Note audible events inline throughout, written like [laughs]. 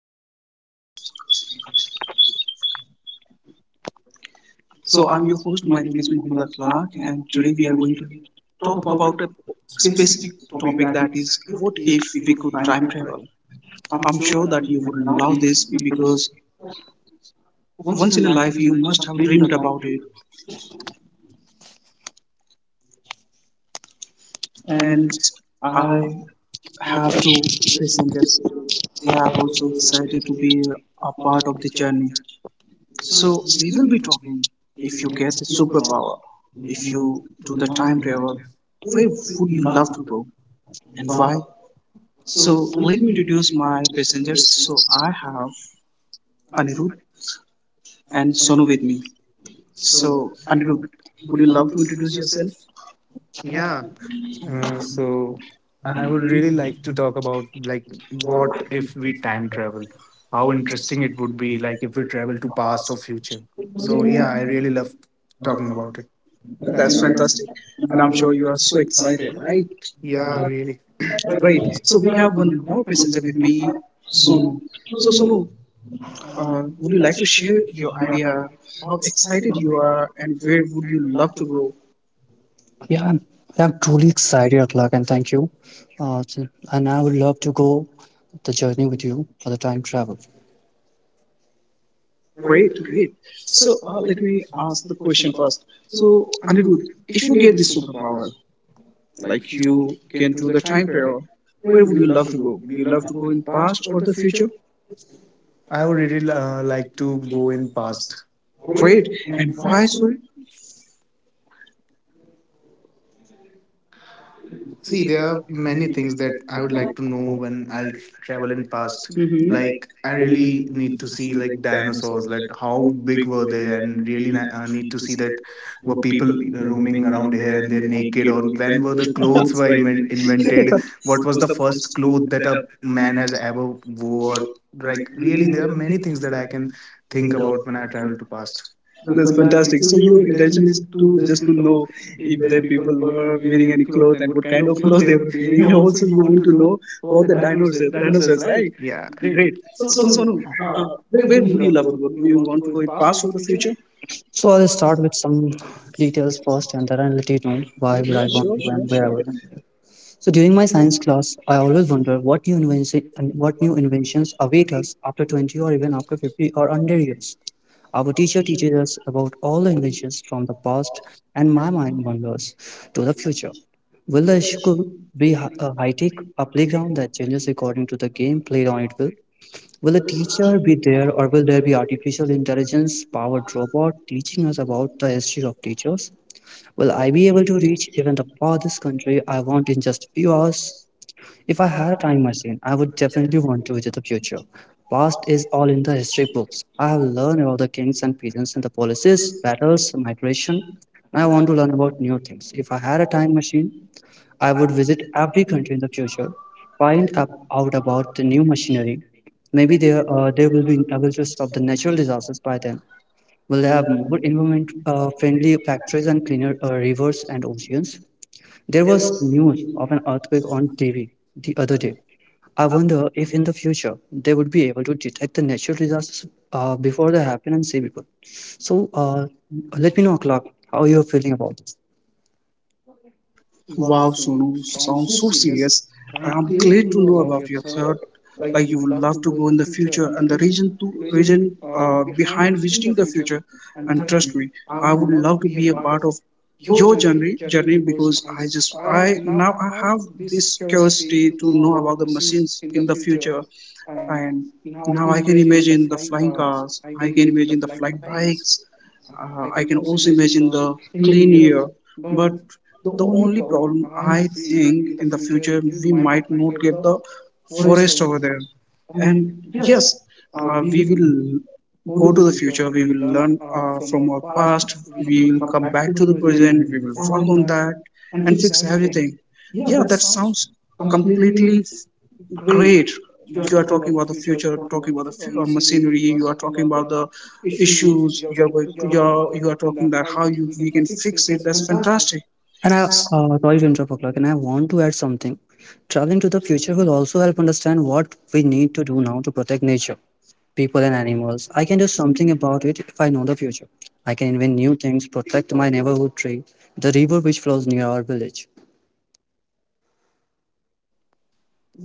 welcome to the podcast. So I'm your host. My name is Muhammad Akhlaq, and today we are going to talk about a specific topic, that is, what if we could time travel. I'm sure that you would love this because once in a life you must have dreamed about it, and I have to listen. Just they are also excited to be a part of the journey. So we will be talking, if you get the superpower, if you do the time travel, where would you love to go and why? So let me introduce my passengers. So I have Anirudh and Sonu with me. So Anirudh, would you love to introduce yourself? Yeah. Uh, So so I I would would really really like like to to talk talk about about like like what what if if we we time time travel? travel, how How interesting interesting it it would would be, be, like like if if we we travel travel to to past past or or future. future. So So yeah, yeah, I I really really love love talking talking about. about it. That's fantastic. And I'm sure you are so excited, right? Yeah. Yeah, yeah. really. Great. So we have one more passenger with me, Sonu. So Sonu, would you like to share your idea, how excited you are, and where would you love to go? Yeah, I'm truly excited, Akhlaq, and thank you. And I would love to go the journey with you for the time travel. Great, great. So let me ask the question first. So Anirudh, if you get this superpower, like you can do the time travel, where would you love to go? Would you love to go in past or the future? I would really like to go in past. Great. And why so? See, there are many things that I would like to know when I'll travel in past. Mhm. Hmm. Like, I really need to see like dinosaurs, like how big were they, and really need to see that were people roaming around here and they're naked, or when were the clothes were [laughs] invented? What was the first cloth that a man has ever wore? Like, really, there are many things that I can think about when I travel to past. That's fantastic. So your intention is to just to know if the people were wearing any clothes and what kind of clothes they were wearing. And also, you want to know about the dinosaurs, right? Yeah. Yeah. Great. Great. So, So, so Sonu, uh, uh, where where would you would you love to love to go? go? You Do you want to want go to in go in past or past the or the future? future? So I'll start with some details first, and then I'll let you know why would I Yeah, want sure, to sure, and where I sure. would. So during my science class, I always wonder what new inventions await us after 20 or even after 50 or 100 years. Our teacher teaches us about all the inventions from the past, and my mind wanders to the future. Will the school a high tech, a playground that changes according to the game played on it will? Will the teacher be there, or will there be artificial intelligence powered robot teaching us about the history of teachers? Will I be able to reach even the farthest country I want in just a few hours? If I had a time machine, I would definitely want to visit the future. Past is all in the history books. I have learned about the kings and peasants and the policies, battles, migration. I want to learn about new things. If I had a time machine, I would visit every country in the future, find out about the new machinery. Maybe they will be able to stop the natural disasters by then. Will they have more environment friendly factories and cleaner rivers and oceans? There was news of an earthquake on TV the other day. I wonder if in the future they would be able to detect the natural disasters before they happen and save people. So let me know, Clark, how you're feeling about this. Wow, Sonu, sounds so serious. I'm glad to know about your third. Like you would love to go in the future, and the reason to reason behind visiting the future. And trust me, I would love to be a part of your journey because I just I now I have this curiosity to know about the machines in the future, and now I can imagine the flying cars. I can imagine the flying bikes. I can also imagine the clean air, but the only problem I think in the future we might not get the forest over there. And yes, we will go to the future. We will learn from our past. We will come back to the present. We will work on that and fix everything. Yeah, that sounds completely great. You are talking about the future, talking about the machinery, you are talking about the issues, you are talking that how you we can fix it, that's fantastic. And I, S- sorry to interrupt, Akhilak, and I want to add something. Traveling to the future will also help understand what we need to do now to protect nature, people, and animals. I can do something about it if I know the future. I can invent new things, protect my neighborhood tree, the river which flows near our village.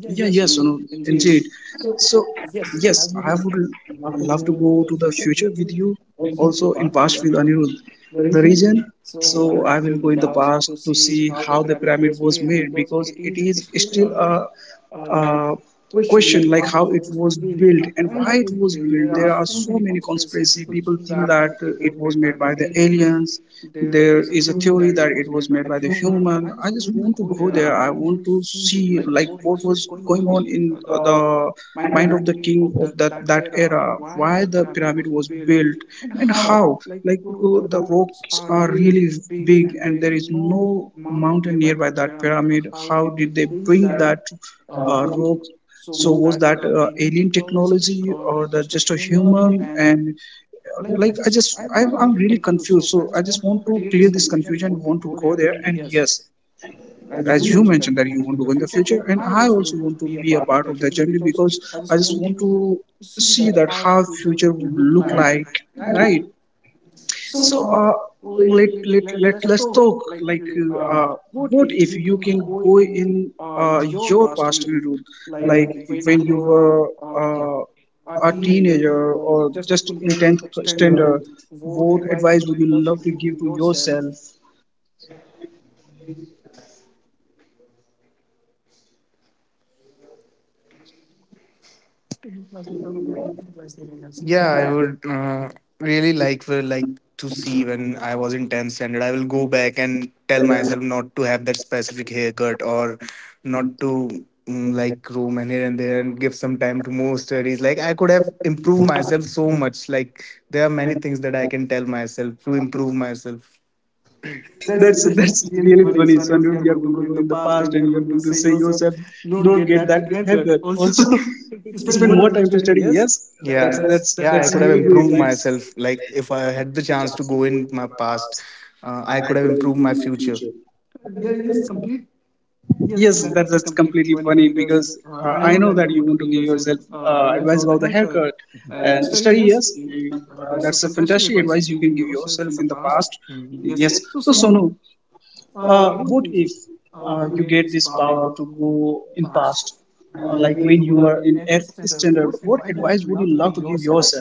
yeah, yes, indeed. So yes, I would love to go to the future with you, also in past with Anirudh. The reason: so I will go in the past to see how the pyramid was made, because it is still a question, like how it was built and why it was built. There are so many conspiracy, people think that it was made by the aliens. There is a theory that it was made by the human. I just want to go there. I want to see like what was going on in the mind of the king of that era, why the pyramid was built and how, like the rocks are really big and there is no mountain nearby that pyramid. How did they bring that rock? So was that alien technology or the just a human? And like I'm really confused. So I just want to clear this confusion. Want to go there? And yes, as you mentioned that you want to go in the future, and I also want to be a part of that journey because I just want to see that how future would look like, right? So let's talk, like what if you can go in your past route, like when you were uh, a teenager or just in tenth standard, what advice would you love to give to yourself? Yeah, I would really like for like to see when I was in 10th standard. I will go back and tell myself not to have that specific haircut or not to like roam and here and there and give some time to more studies. Like I could have improved myself so much. Like there are many things that I can tell myself to improve myself. That's really funny, Sanju. You are going to go in the past and you are going to say yourself, "Don't get that haircut." Also, [laughs] spend more time [laughs] to study. Yes, that's. Yeah. That's have Yeah, I really could amazing. good have improved advice. Myself. Myself. Like, if Like I if I had had the the chance to chance to go go in in my my past, past, I could I have could have improved my improved my future. future. Yes, that's completely funny because I know that you want to give yourself advice about the haircut and study. Yes, that's a fantastic advice you can give yourself in the past. Yes. So Sonu, what if you get this power to go in past, like when you were in Earth Standard? What advice would you love to give yourself?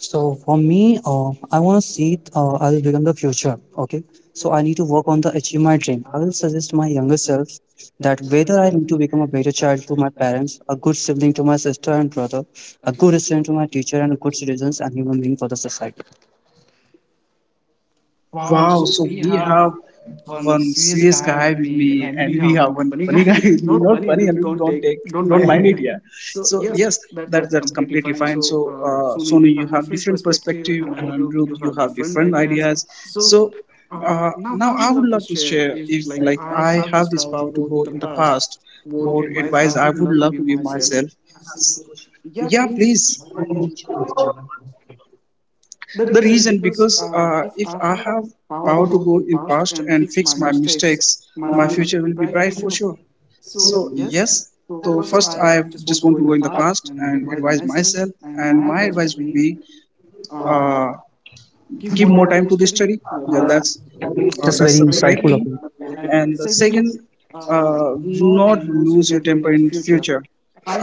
So for me, I want to see I will become the future. Okay, so I need to work on the achieve my dream. I will suggest my younger self that whether I need to become a better child to my parents, a good sibling to my sister and brother, a good student to my teacher, and a good citizens and human being for the society. Wow, so we have one serious guy with me and we have one funny guy [laughs] with me. Not funny, I mean, don't mind it, yeah. So yes, that's completely fine. So Sonu, you have different perspective and Anirudh, you have different ideas. So now I would love to share, if like I have this power to go in the past, what advice I would love to give myself. S- Yeah, please. The reason, because if I have power to go in past and fix my mistakes, my future will be bright for sure. So yes, so first I just want to go in the past and advise myself, and my advice would be, uh, give more time to the study. Yeah, that's uh, That's that's very the correct insightful of thing. you. And the second, do not lose your temper in future.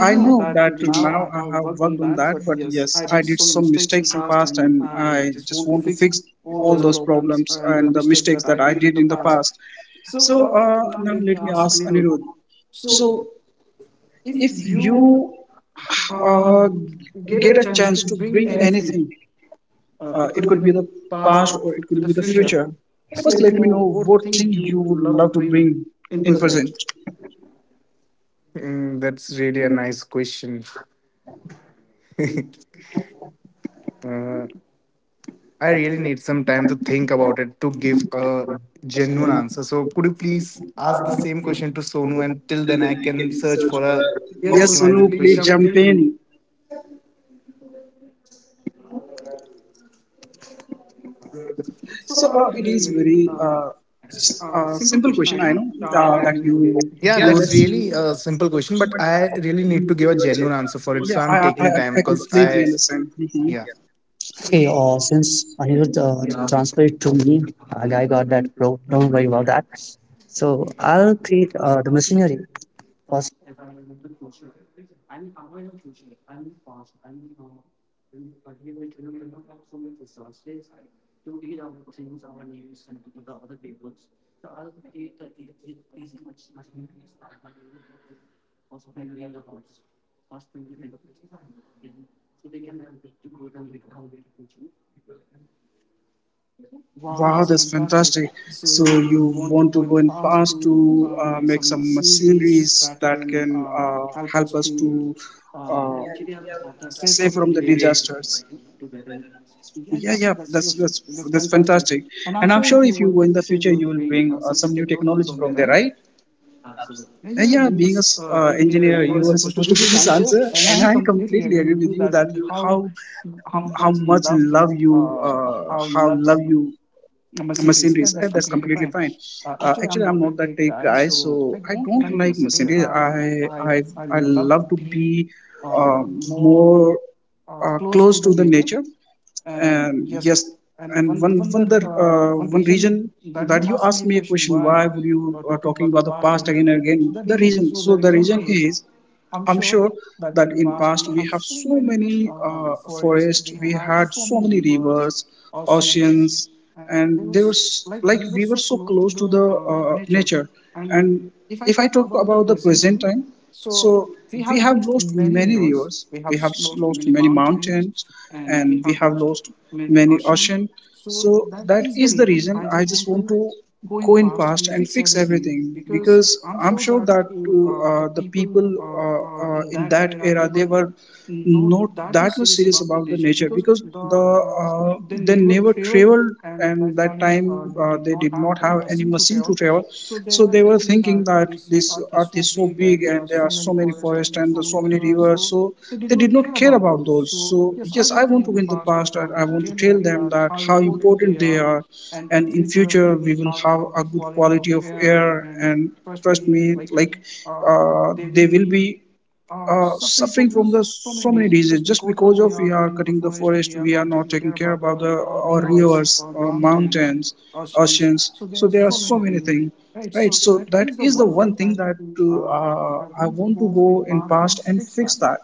I know that now I have worked on that, but yes, I did some mistakes in past and I just want to fix all those problems and the mistakes that I did in the past. So now let me ask Anirudh. So if you uh, get a chance to bring anything, it could be the past or it could be the future. First, let me know what thing you would love to bring in present. That's really a nice question. [laughs] uh, I really need some time to think about it to give a genuine answer. So could you please ask the same question to Sonu and till Till then I then, I can can search search for for a. a yes, so Yes, optimizing please Sonu, question. please jump Something- in. So it is very simple question. I know that you. yeah, Yeah, you would. that's That's- easy. really a Yeah, simple question, but I really need to give a genuine answer for it. simple, Yeah, So I'm I, simple, I taking taking I time person. because Completely I- I understand. Mhm. yeah. Okay, since Anirudh transferred it to me, I got that. Bro, don't worry about that. So I'll create the machinery for. Wow, that's fantastic. So you want to go in past to make some machineries that can help us to uh, save from the disasters. Yeah, yeah, that's fantastic, and I'm sure if you go in the future, you will bring some new technology from there, right? Yeah, being a engineer, you are supposed to give this answer, and I completely agree with you that you how much love you how love you machineries. That's completely fine. Actually, I'm not that tech guy, so I don't like machinery. I I love to be more close to the nature. And yes, and one reason that you asked me a question, why were you talking about the past again and again? The reason, so the reason is, I'm sure that in past we have so many forests, we had so many rivers, oceans, and there was like we were so close to the nature. And if I talk about the present time, so we have lost many rivers, we have lost many mountains, and we have lost many ocean. So that is the reason I just want to go in past and fix everything, because I'm sure that the people in that era they were not that much serious about the nature, because they never traveled, and that time they did not have any machine to travel, so they were thinking that this earth is so big and there are so many forests and so many rivers, so they did not care about those. So yes, I want to win the past and I want to tell them that how important they are, and in future we will have a good quality of air, and trust me, like they will be suffering from the so many diseases just because of we are cutting the forest, we are not taking care about the our rivers, our mountains, oceans. So there are so many things, right? So that is the one thing that I want to go in past and fix that.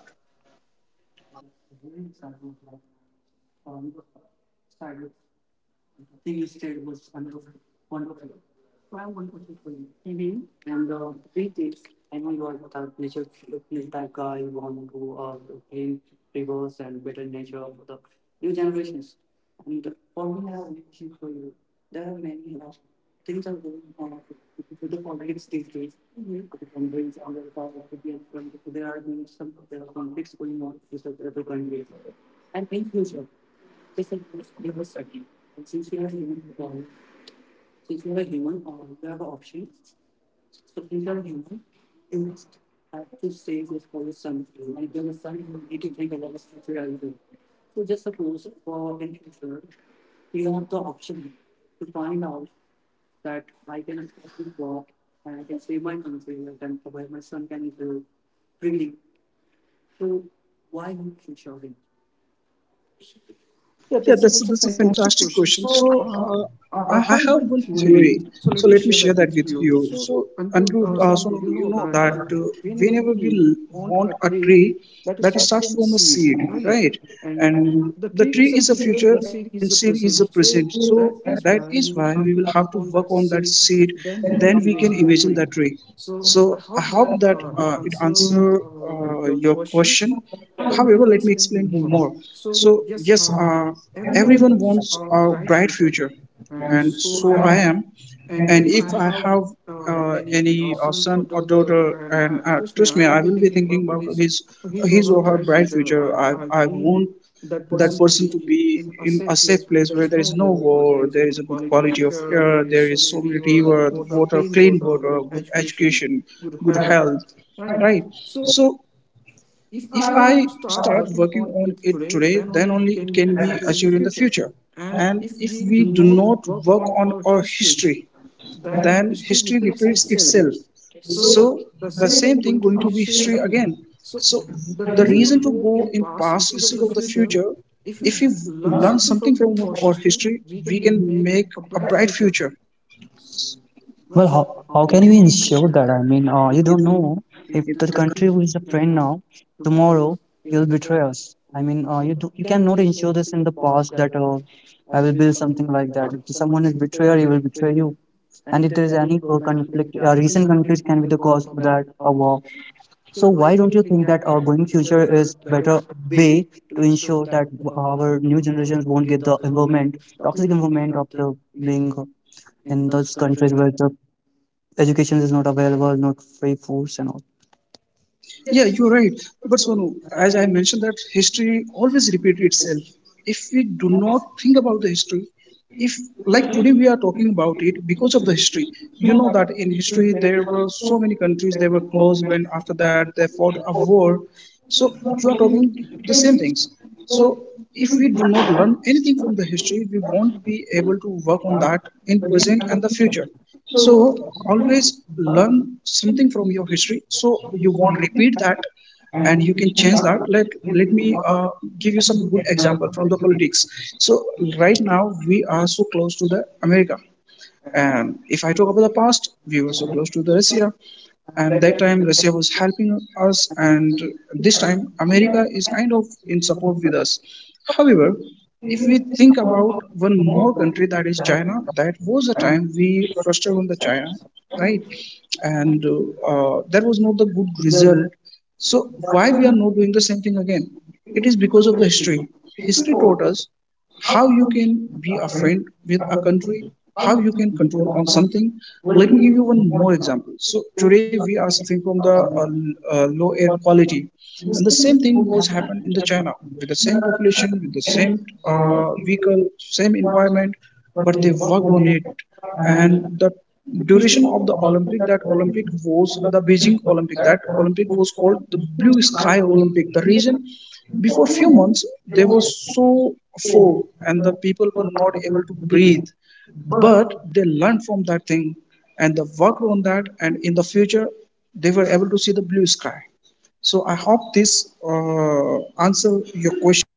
Yeah, that's a fantastic question. So I have one theory. So let me share that with you. So Andrew, so you know that whenever we want a tree, that starts from a seed, right? And the tree is a future, and seed is a present. So that is why we will have to work on that seed. Then we can imagine that tree. So I hope that it answer your question. However, let me explain more. So, yes, everyone wants a bright future, and so I am. And if I have any son or daughter, and trust me, I will be thinking about his or her bright future. I want that person to be in a safe place where there is no war, there is a good quality of air, there is so many river, water, clean water, good education, good health, right? So if I start working on it today, then only it can be achieved in the future. And if we do not work on our history, then history repeats itself. So the same thing going to be history again. So the reason to go in past instead of the future, if we learn something from our history, we can make a bright future. Well, But how how can you can we ensure ensure that? that? I mean, you We don't don't. know if If the the country who is a friend now, tomorrow he'll betray us. I mean, you do, you cannot ensure this in the past that I will build something like that. If someone is betrayer, he will betray you. And if there is any conflict, recent conflict can be the cause for that a war. So why don't you think that our going future is better way to ensure that our new generations won't get the environment, toxic environment of the being in those countries where the education is not available, not free foods and all. Yeah, you're right. But Sonu, as I mentioned, that history always repeat itself. If we do not think about the history, if like today we are talking about it because of the history, you know that in history there were so many countries they were closed when after that they fought a war. So you are talking the same things. So if we do not learn anything from the history, we won't be able to work on that in present and the future. So always learn something from your history. So you won't repeat that, and you can change that. Let me give you some good example from the politics. So right now we are so close to the America, and if I talk about the past, we were so close to the Russia, and that time Russia was helping us, and this time America is kind of in support with us. However, if we think about one more country that is China, that was the time we frustrated on the China, right? And that was not the good result, so why we are not doing the same thing again? It is because of the history. History taught us how you can be a friend with a country, how you can control on something. Let me give you one more example. So today we are suffering from the low air quality, and the same thing was happened in the China with the same population, with the same vehicle, same environment, but they worked on it, and the duration of the Olympic, that Olympic was the Beijing Olympic, that Olympic was called the Blue Sky Olympic. The reason, before few months there was so fog, and the people were not able to breathe, but they learned from that thing, and they worked on that, and in the future they were able to see the blue sky. So I hope this uh, answer your question.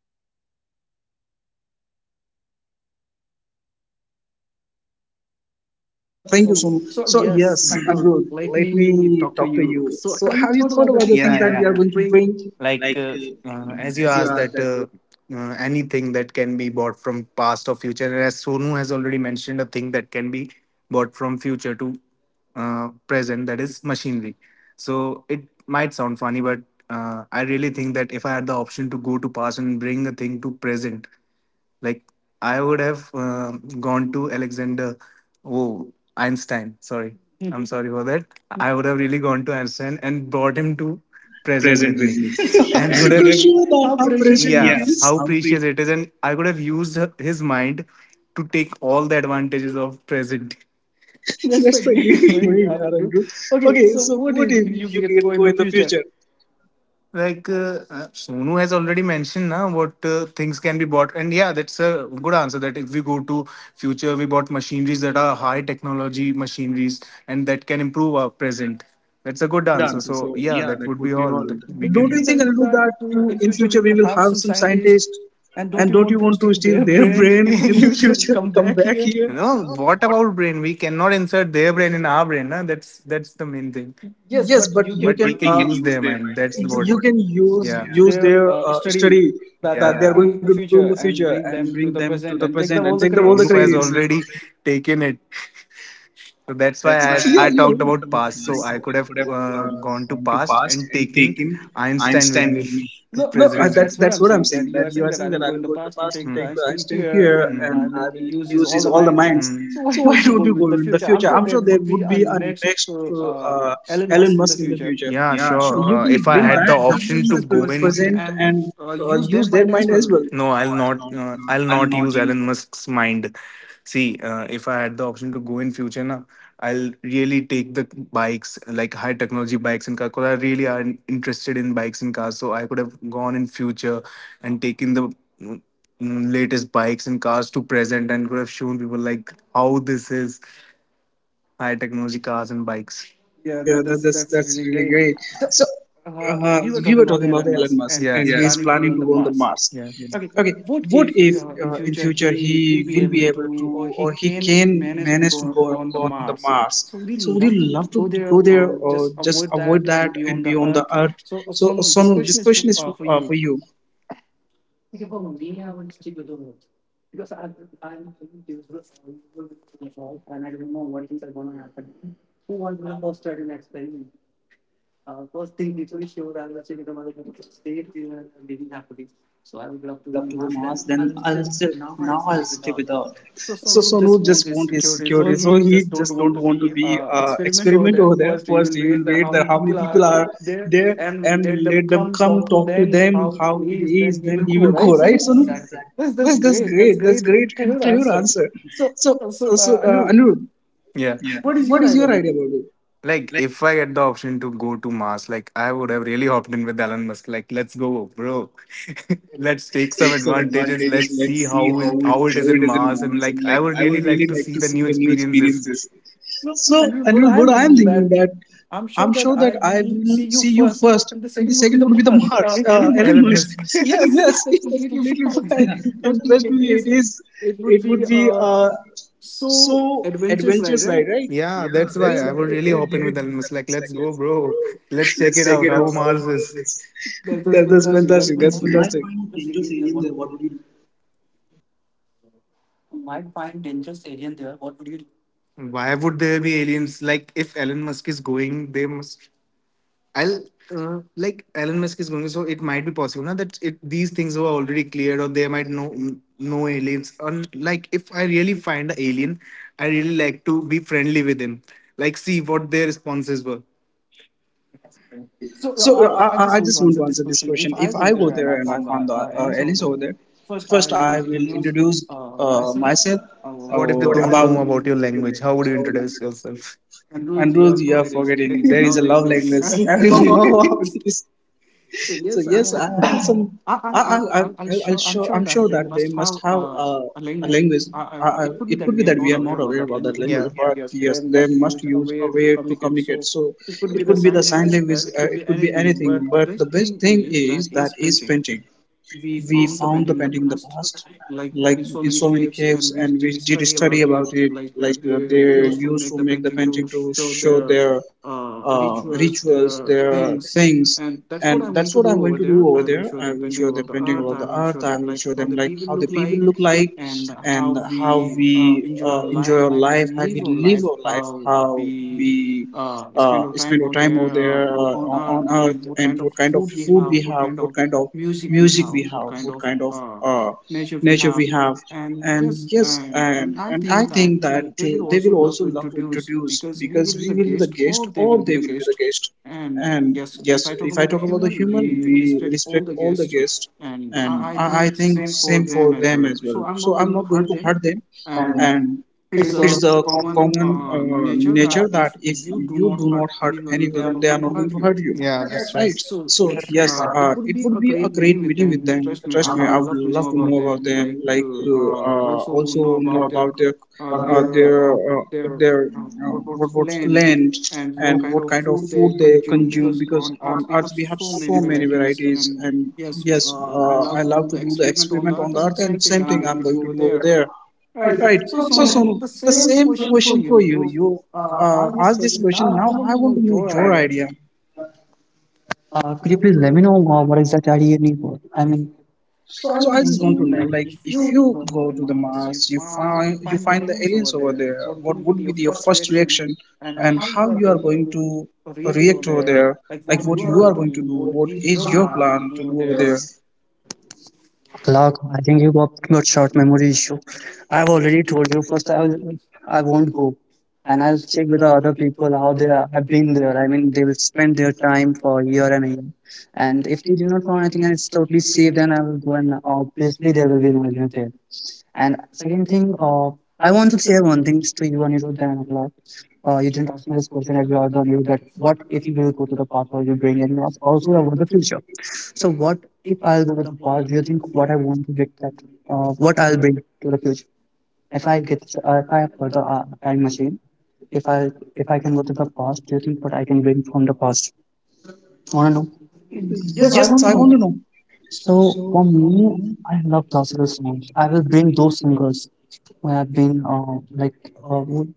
Uh, Thank you, thank you so Sonam. much. So So yes, yes, Andrew, Andrew, let let me me talk to talk to you. you. So So have you have you thought thought about the about things, the yeah, things, that yeah, you, that yeah, are we are, going yeah, to going to bring? bring? [laughs] Like as you asked that anything that can be bought from past or future, and as Sonu has already mentioned a thing that can be bought from future to present, that is machinery, so it might sound funny, but I really think that if I had the option to go to past and bring a thing to present, like I would have gone to Alexander, oh, Einstein. Sorry, I'm sorry for that. I would have really gone to Einstein and brought him to present with me, [laughs] and could to And have to show show that that how how precious. Yeah, precious it yeah it is. is? [laughs] How precious it is, and I could have used his mind to take all the advantages of present. That's what we are, [laughs] Andrew. Okay, so what if you can go in the future? Like Sonu has already mentioned now what things can be bought, and yeah, that's a good answer. That if we go to future, we bought machineries that are high technology machineries, and that can improve our present. That's a good answer. So yeah, that would be all that we Don't can. you think, Andrew, I that in future we will have some scientists, and don't you want to steal their brain in the [laughs] future? [laughs] Come back you here. know what about brain? We cannot insert their brain in our brain. Nah? That's the main thing, Yes, but but you can, we can their. The use them and that's you you what can use, yeah, use their study that they are going to do in the future, and bring them to the present and take the all the Monu credits. has already taken it, so that's why [laughs] Yeah, I talked about past. yeah. So I could have gone to past and taken Einstein with me. No, [laughs] that's what I'm saying. That you are saying that I will go to the past and take the Einstein here, and I will use his all the minds. So why don't you go in the future? I'm sure there would be a next Elon Musk in the future. Yeah, sure. So you can, If they I bring had that the at down in the present and use their mind as well. no, I'll not. I'll not use Elon Musk's mind. See, if I had the option to go in future, na, I'll really take the bikes, like high technology bikes and cars. Cause I really are interested in bikes and cars, so I could have gone in future and taken the mm, latest bikes and cars to present and could have shown people like how this is high technology cars and bikes. Yeah, that's really great. So we were talking about the Elon Musk, and Yeah. he's planning to go on the Mars. Yeah. Okay, what if in future he will be able to, or he can manage to go, on the Mars? So would you love to go there, or just avoid that and be on the Earth? So Sonu, this question is for you. So Sonu just want his security. So he just don't want to be experiment over there. First, he will wait that how many people are there and let them come talk to them how it is. Then he will go, right, Sonu? Exactly. That's great. That's great and clear answer. So Anirudh, Yeah. what is your idea about it? Like, if I get the option to go to Mars, like, I would have really hopped in with Elon Musk. Like, let's go, bro. [laughs] Let's take some advantages. Let's see how it is in Mars, and like, I would really like to see the new experiences. You- So, Anirudh, what I'm thinking that I'm sure that I will see you first, and the second would be the Mars, [laughs] Elon Elon Musk. [laughs] Musk. Yes, yes, that's completely fine. [laughs] And trust me, it is. It would be so adventurous, right? Right? Yeah, Yeah, that's why that's I would really right. hop in with Elon Musk. Like, It's let's like, go, let's go, bro. bro. Let's check Let's it check out. it out. How How Mars Mars is. is. This? That's fantastic. That's fantastic. Changes area there. What would you Why would there be aliens? Like, if Elon Musk is going, they must. I'll like Elon Musk is going, so it might be possible now that it these things were already cleared, or there might no no aliens. And like, if I really find an alien, I really like to be friendly with him. Like, see what their responses were. So I just want to answer this question. If I go there and I found the, Alice over there, first I will introduce myself. What if they What is the don't about know about normal your native language? How language. would you How would you introduce introduce yourself? yourself? And Ruth, you are forgetting there is a love language. [laughs] Everyone know about this, so yes, I have some. [laughs] I I I I'm sure that they must have a language. It could be that we are not aware about that language, Yeah. but yes, they must use a way to communicate. So it could be the sign language, it could be anything. But the best thing is that is painting. We found the painting in the past, like in so many caves, and we did study about it, like they used to make the painting to show their rituals, their things. And that's what I'm going to do over there. I will show them painting about the Earth. I will show them like how the people look like, and how we enjoy our life, how we live our life, how we spend our time over there, on Earth, and what kind of food we have, what kind of music we have, what kind of uh, nature we have. And yes, and I think that they will also love to introduce because we will be the guest or they will be the guest. And yes, if I talk about the human, we respect all the guests. And I think same for them as well. So I'm not going to hurt them, and it's the common nature that if you do not hurt anyone, they are not going to hurt you. Yeah, Right. that's right. So yes, it would be a great meeting with them. Trust me, I would love to know about them. Like, also know about their uh, their uh, their what's land, and what kind of food they consume because on Earth we have so many varieties. And yes, I love to do the experiment on the Earth, and same thing I'm going to do over there. Right. So Sonu, the same question for you. You asked this question. Now I want to know your idea. Could you please let me know what exactly are you need for? I mean, So I just want to know, like, if you go to the Mars, you find the aliens over there. What would be your first reaction, and how you are going to react over there? Like, what you are going to do? What is your plan to do over there? Clark, I think got short memory issue. I've already told you. First, I won't go, and I'll check with the other people how have been there. I mean, they will spend their time for a year, and if they do not find anything and it's totally safe, then I will go and obviously there will be no news there. And second thing, I want to say one thing to you, Anirudh and Clark. You didn't ask me this question as you all don't know that what if you will go to the past, what will you bring and you ask also about the future. So what if I'll go to the past, do you think what I want to get that what I'll bring to the future? If I have got the time machine, if I if I can go to the past, do you think what I can bring from the past? Wanna know? And yes, I want to know. So So, for me, I love classical songs. I will bring those singers who have been would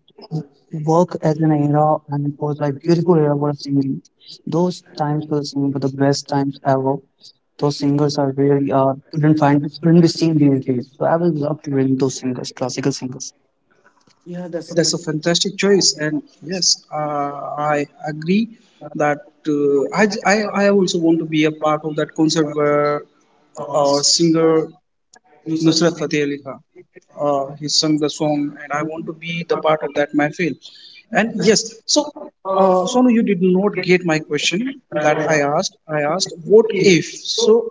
work as an era and it was like beautiful era for singing. Those times for the singing were the best times ever. Those singers are really you don't find couldn't be seen these days. So I will love to bring those singers, classical singers. yeah, that's a fantastic choice, and yes, I agree that I, j- I also want to be a part of that concert where a singer Nusrat Fateh Ali Khan. He sung the song, and I want to be the part of that mahfil. And yes, so Sonu, you did not get my question that I asked. I asked, what if? So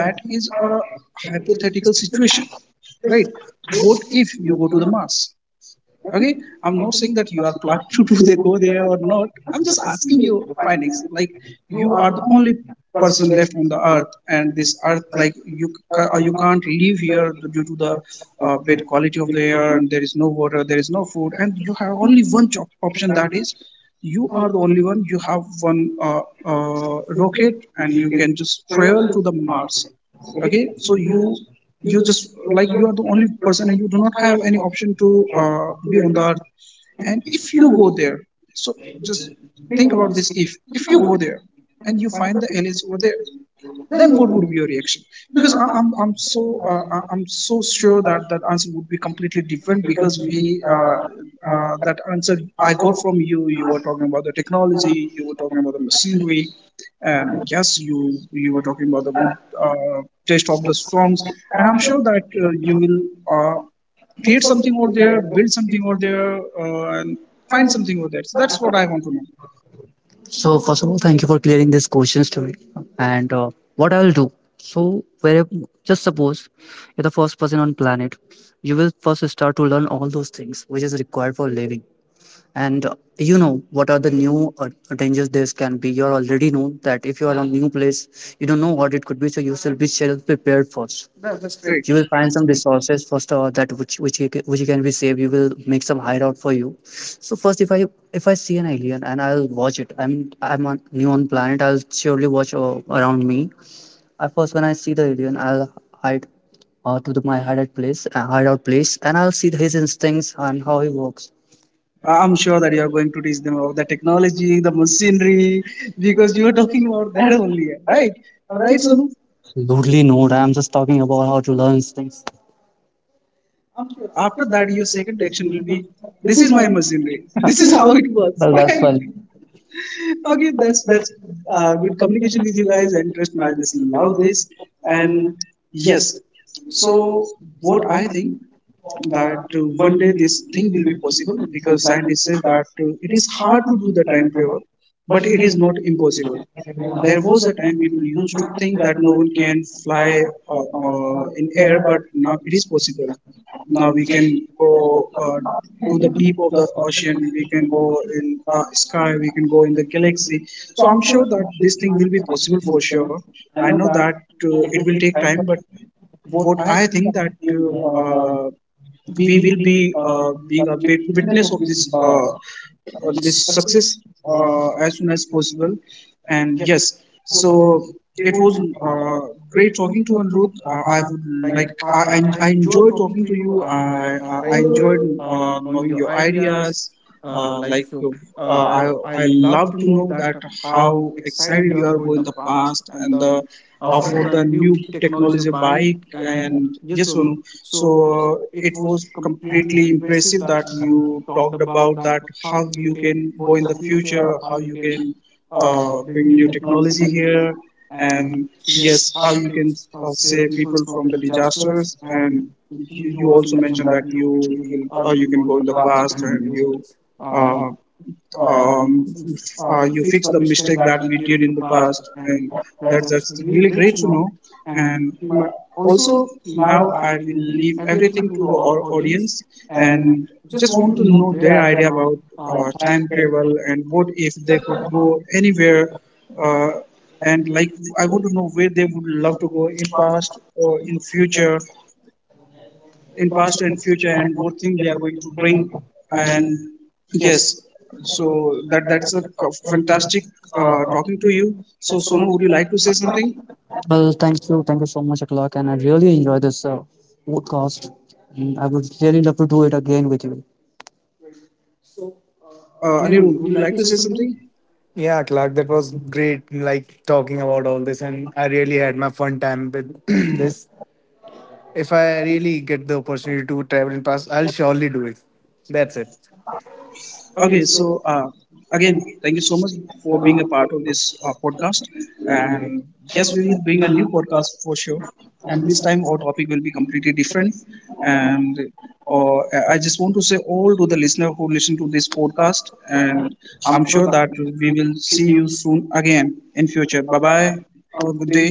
that is a hypothetical situation, right? What if you go to the mass? Okay, I'm not saying that you are planning to do they go there or not. I'm just asking you findings. Like, you are the only person left on the earth, and this earth, like, you you can't live here due to the bad quality of the air, and there is no water, there is no food, and you have only one job option, that is you are the only one. You have one rocket and you can just travel to the Mars. Okay, so you just, like, you are the only person and you do not have any option to be on the earth. And if you go there, so just think about this. If you go there and you find the aliens over there, then what would be your reaction? Because I'm so I- am so sure that that answer would be completely different, because we that answer I got from you. You were talking about the technology. You were talking about the machinery. And yes, you were talking about the good uh, taste of the songs. And I'm sure that you will uh, create something over there, build something over there, and find something over there. So that's what I want to know. So first of all, thank you for clearing these questions to me. And what I'll do? So where just suppose you're the first person on planet, you will first start to learn all those things which is required for living and you know what are the new dangers this can be. You already know that if you are on a new place you don't know what it could be, so you should be self prepared first. That's great. You will find some resources first, that which which you can be saved. You will make some hideout for you. So first, if I if I see an alien and I'll watch it, I'm on new on planet, I'll surely watch around me. At first when I see the alien, I'll hide to my hideout place, and I'll see his instincts and how he works. I'm sure that you are going to teach them about the technology, the machinery, because you are talking about that only, right? All right, so Absolutely not. I'm just talking about how to learn things. sure. After that, your second reaction will be, "This is my machinery. This is how it works." Well, [laughs] that's Right? fun. Okay, that's good communication with you guys, and trust me, I just love this. And yes, so what I think that one day this thing will be possible, because scientists say that it is hard to do the time travel, but it is not impossible. There was a time people used to think that no one can fly in air, but now it is possible. Now we can go to the deep of the ocean, we can go in sky, we can go in the galaxy. So I'm sure that this thing will be possible for sure. I know that it will take time, but what I think that uh, we will be being a bit witness of this this success as soon as possible. And yes, so it was great talking to Anirudh. I would like, I enjoyed talking to you. I enjoyed knowing your ideas, uh, like uh, I, I love to know that how excited you are going the past, and the for the new technology bike and yes or no. So it was completely impressive that you talked about that how you can go in the future, how you can bring new technology here, and yes, how you can save people from the disasters. And you also mentioned that you will, you can go in the past, and you uh, um, you fix the mistake that we did in the past. And that's really great to know. And also, now I will leave everything to the audience, and just want to know their idea about time travel and what if they could go anywhere, uh, and, like, I want to know where they would love to go, in past or in future, in past and future, and what thing they are going to bring. And yes, so that that's a c- fantastic talking to you. So Sonu, would you like to say something? Well, thank you. Thank you so much, Clark. And I really enjoyed this podcast. And I would really love to do it again with you. Anirudh, would you like to say something? Yeah, Clark, that was great. Like talking about all this, and I really had my fun time with [clears throat] this. If I really get the opportunity to travel in past, I'll surely do it. That's it. Okay, so again, thank you so much for being a part of this podcast. And yes, we will bring a new podcast for sure. And this time, our topic will be completely different. And uh, I just want to say all to the listener who listen to this podcast. And I'm sure that we will see you soon again in future. Bye bye. Have a good day.